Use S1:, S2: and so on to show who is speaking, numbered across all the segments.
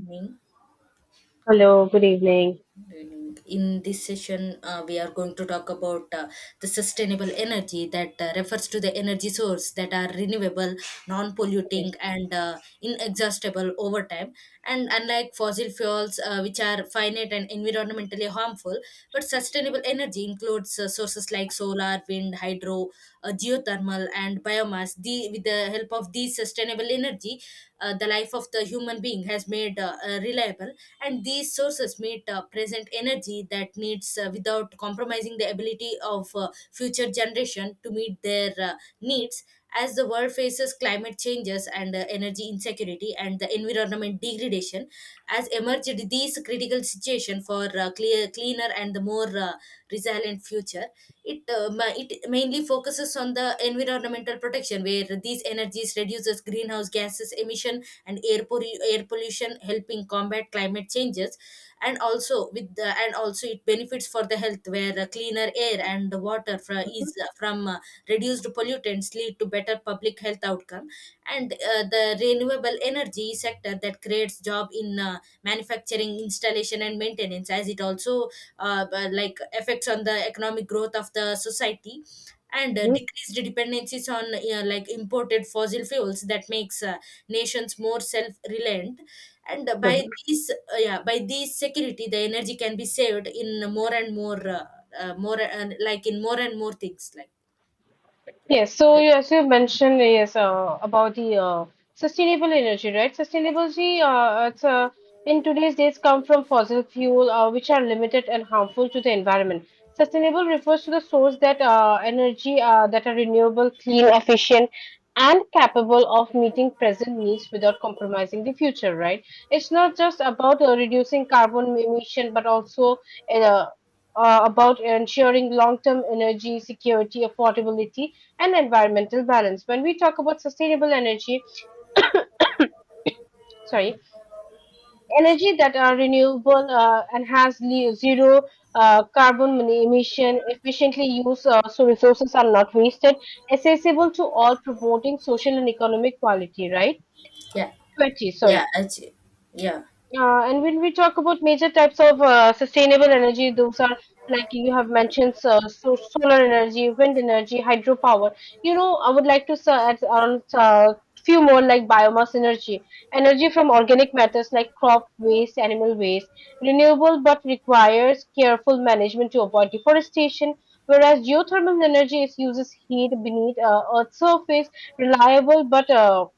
S1: Evening.
S2: Hello, good evening.
S1: Good evening. In this session, we are going to talk about the sustainable energy that refers to the energy source that are renewable,
S2: Yes.
S1: non-polluting, and inexhaustible over time. And unlike fossil fuels, which are finite and environmentally harmful, but sustainable energy includes sources like solar, wind, hydro, geothermal, and biomass. With the help of these sustainable energy, the life of the human being has made reliable, and these sources meet present energy that needs, without compromising the ability of future generation to meet their needs as the world faces climate changes and energy insecurity and the environment degradation as emerged these critical situation for cleaner and the more resilient future. It it mainly focuses on the environmental protection where these energies reduces greenhouse gases emission and air pollution, helping combat climate changes. And also with the, and also it benefits for the health where cleaner air and water fra- is from reduced pollutants lead to better public health outcome. And the renewable energy sector that creates job in manufacturing installation and maintenance, as it also but like effects on the economic growth of the society. And
S2: Hmm.
S1: decreased dependencies on like imported fossil fuels, that makes nations more self-reliant. And by these yeah, by these security the energy can be saved in more and more more, like in more and more things like
S2: Yes, so
S1: that.
S2: as you mentioned, yes, about the sustainable energy, right? Sustainability, it's, in today's days, come from fossil fuel, which are limited and harmful to the environment. Sustainable refers to the source that, energy, that are renewable, clean, efficient, and capable of meeting present needs without compromising the future, right? It's not just about reducing carbon emission, but also, uh, about ensuring long-term energy security, affordability, and environmental balance. When we talk about sustainable energy, sorry, energy that are renewable, and has zero, carbon emission, efficiently used, so resources are not wasted, accessible to all, promoting social and economic quality, right?
S1: Yeah.
S2: 20,
S1: Yeah,
S2: sorry.
S1: actually. Yeah
S2: And when we talk about major types of sustainable energy, those are, like you have mentioned, so solar energy, wind energy, hydropower. You know, I would like to add on a few more, like biomass energy, energy from organic matters like crop waste, animal waste, renewable but requires careful management to avoid deforestation. Whereas geothermal energy is uses heat beneath, Earth's surface, reliable but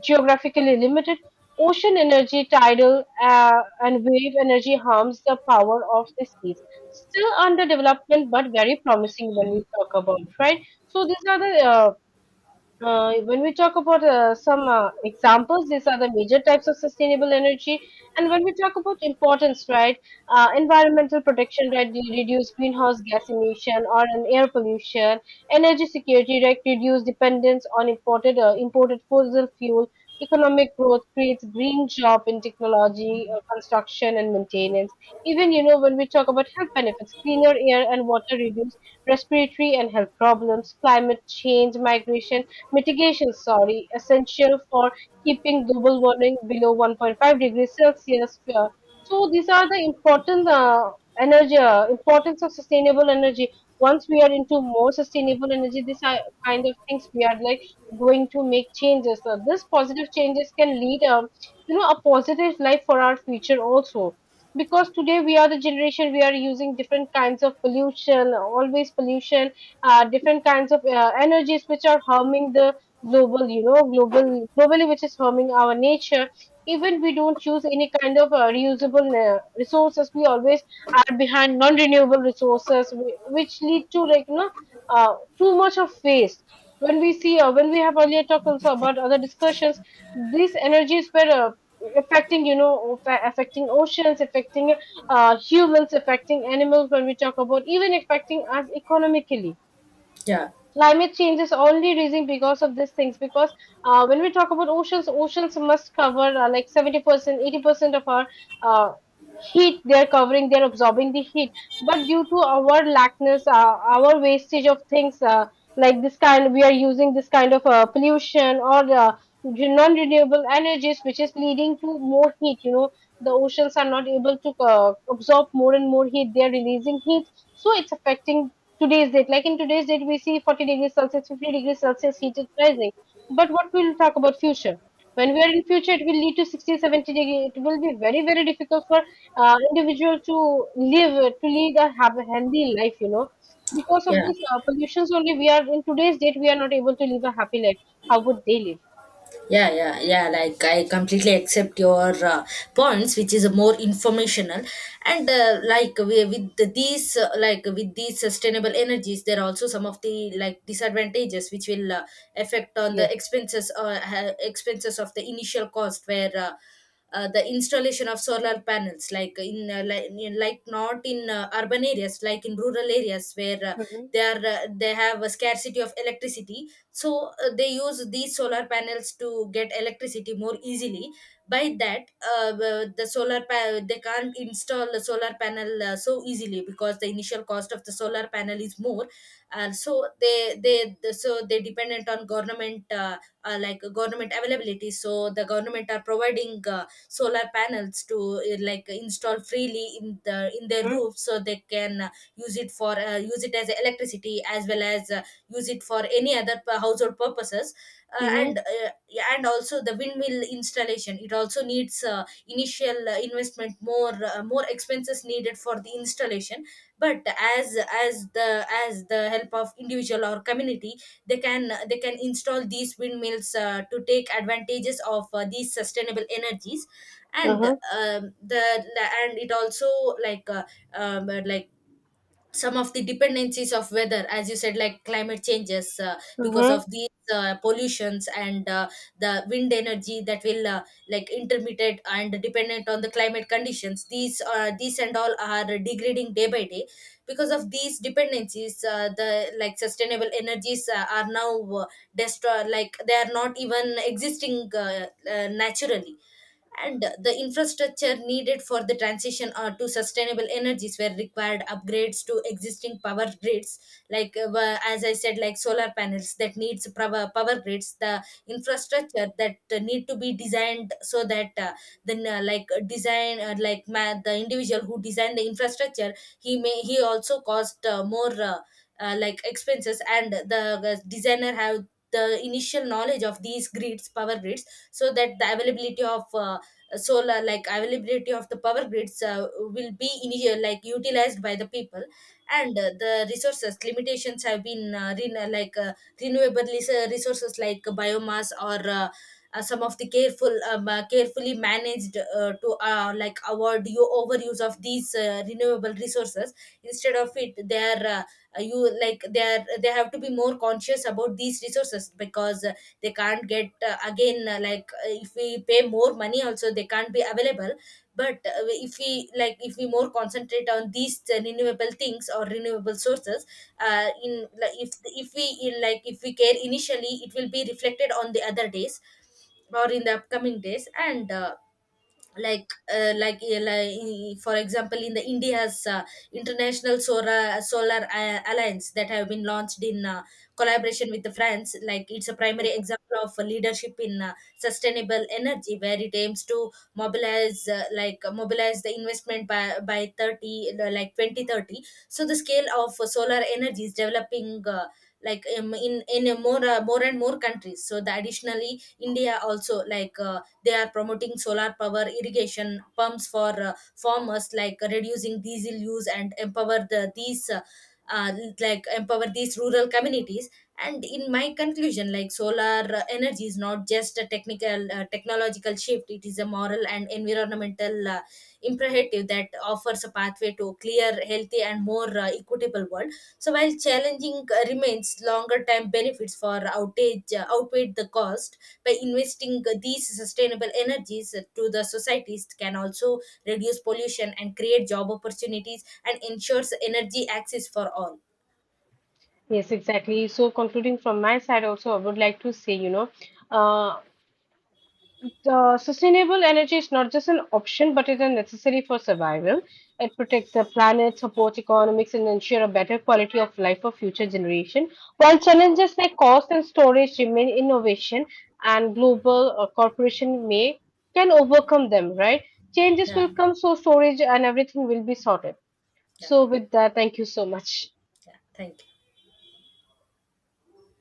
S2: geographically limited. Ocean energy, tidal, and wave energy harms the power of the seas. Still under development, but very promising when we talk about, right? So these are the, when we talk about some examples, these are the major types of sustainable energy. And when we talk about importance, right, environmental protection, right, reduce greenhouse gas emission or an air pollution, energy security, right, reduce dependence on imported fossil fuel, economic growth creates green job in technology, construction and maintenance. Even, you know, when we talk about health benefits, cleaner air and water reduce respiratory and health problems, climate change, migration mitigation, sorry, essential for keeping global warming below 1.5 degrees Celsius. So these are the important, energy, importance of sustainable energy. Once we are into more sustainable energy, these are kind of things we are, like, going to make changes. So this positive changes can lead, a positive life for our future also, because today we are the generation, we are using different kinds of pollution, always pollution, different kinds of energies which are harming the globally, which is harming our nature. Even we don't use any kind of reusable resources, we always are behind non-renewable resources, which lead to, like, too much of waste. When we have earlier talked also about other discussions, these energies were affecting, affecting oceans, affecting humans, affecting animals, when we talk about, even affecting us economically.
S1: yeah.
S2: Climate change is only raising because of these things, because, when we talk about oceans must cover, like 70%, 80% of our uh, heat. They're covering, they're absorbing the heat, but due to our lackness, our wastage of things, like this kind, we are using this kind of pollution or non-renewable energies, which is leading to more heat, you know. The oceans are not able to absorb more and more heat, they are releasing heat, so it's affecting today's date. Like in today's date, we see 40 degrees Celsius, 50 degrees Celsius, heat is rising. But what we'll talk about future. When we are in future, it will lead to 60, 70 degree. It will be very, very difficult for individual to live, to lead, a have a healthy life, you know. Because of
S1: Yeah.
S2: this, pollutions only, we are in today's date, we are not able to live a happy life. How would they live?
S1: Yeah, yeah, yeah. Like I completely accept your points, which is more informational, and like we, with these, like with these sustainable energies, there are also some of the like disadvantages which will affect on
S2: Yes.
S1: the expenses or expenses of the initial cost where. The installation of solar panels, like in like not in urban areas, like in rural areas where
S2: Mm-hmm.
S1: they have a scarcity of electricity. So they use these solar panels to get electricity more easily. By that they can't install the solar panel so easily because the initial cost of the solar panel is more. And so so they dependent on government, like government availability. So the government are providing solar panels to like install freely in the in their roof, so they can use it as electricity as well as use it for any other household purposes.
S2: Mm-hmm.
S1: And Yeah, and also the windmill installation, it also needs initial investment, more more expenses needed for the installation. But as the help of individual or community, they can install these windmills to take advantages of these sustainable energies. And
S2: Uh-huh.
S1: the and it also like uh, like some of the dependencies of weather, as you said, like climate changes, because
S2: Uh-huh.
S1: of these pollutions and the wind energy, that will like intermittent and dependent on the climate conditions. These these and all are degrading day by day because of these dependencies. The like sustainable energies are now destroyed, like they are not even existing naturally. And the infrastructure needed for the transition to sustainable energies were required upgrades to existing power grids. Like, as I said, like solar panels that needs power, power grids, the infrastructure that need to be designed so that then like design like ma- the individual who designed the infrastructure, he may, he also cost more like expenses. And the designer have the initial knowledge of these grids, power grids, so that the availability of solar like availability of the power grids will be initial, like utilized by the people. And the resources limitations have been renewable resources, like biomass or some of the careful, carefully managed to like avoid you overuse of these renewable resources. Instead of it, they are you like they are, they have to be more conscious about these resources, because they can't get again, like, if we pay more money also, they can't be available. But if we, like if we more concentrate on these renewable things or renewable sources, in like, if we in, like if we care initially, it will be reflected on the other days or in the upcoming days. And like for example, in the India's international solar alliance that have been launched in collaboration with the France, like it's a primary example of leadership in sustainable energy, where it aims to mobilize mobilize the investment by 30 like 2030. So the scale of solar energy is developing, in a more more and more countries. So the additionally India also, like they are promoting solar power irrigation pumps for farmers, like reducing diesel use and empower the these uh, like empower these rural communities. And in my conclusion, like solar energy is not just a technical, technological shift, it is a moral and environmental imperative that offers a pathway to a clear, healthy and more equitable world. So while challenging remains, longer term benefits for outage outweigh the cost. By investing these sustainable energies to the societies can also reduce pollution and create job opportunities and ensures energy access for all.
S2: Yes, exactly. So concluding from my side also, I would like to say, you know, uh, the sustainable energy is not just an option, but it is necessary for survival. It protects the planet, supports economics, and ensure a better quality of life for future generation. While challenges like cost and storage remain, innovation and global corporation may can overcome them. Right? Changes
S1: Yeah,
S2: will come, so storage and everything will be sorted.
S1: yeah,
S2: So with that, thank you so much.
S1: yeah. Thank you.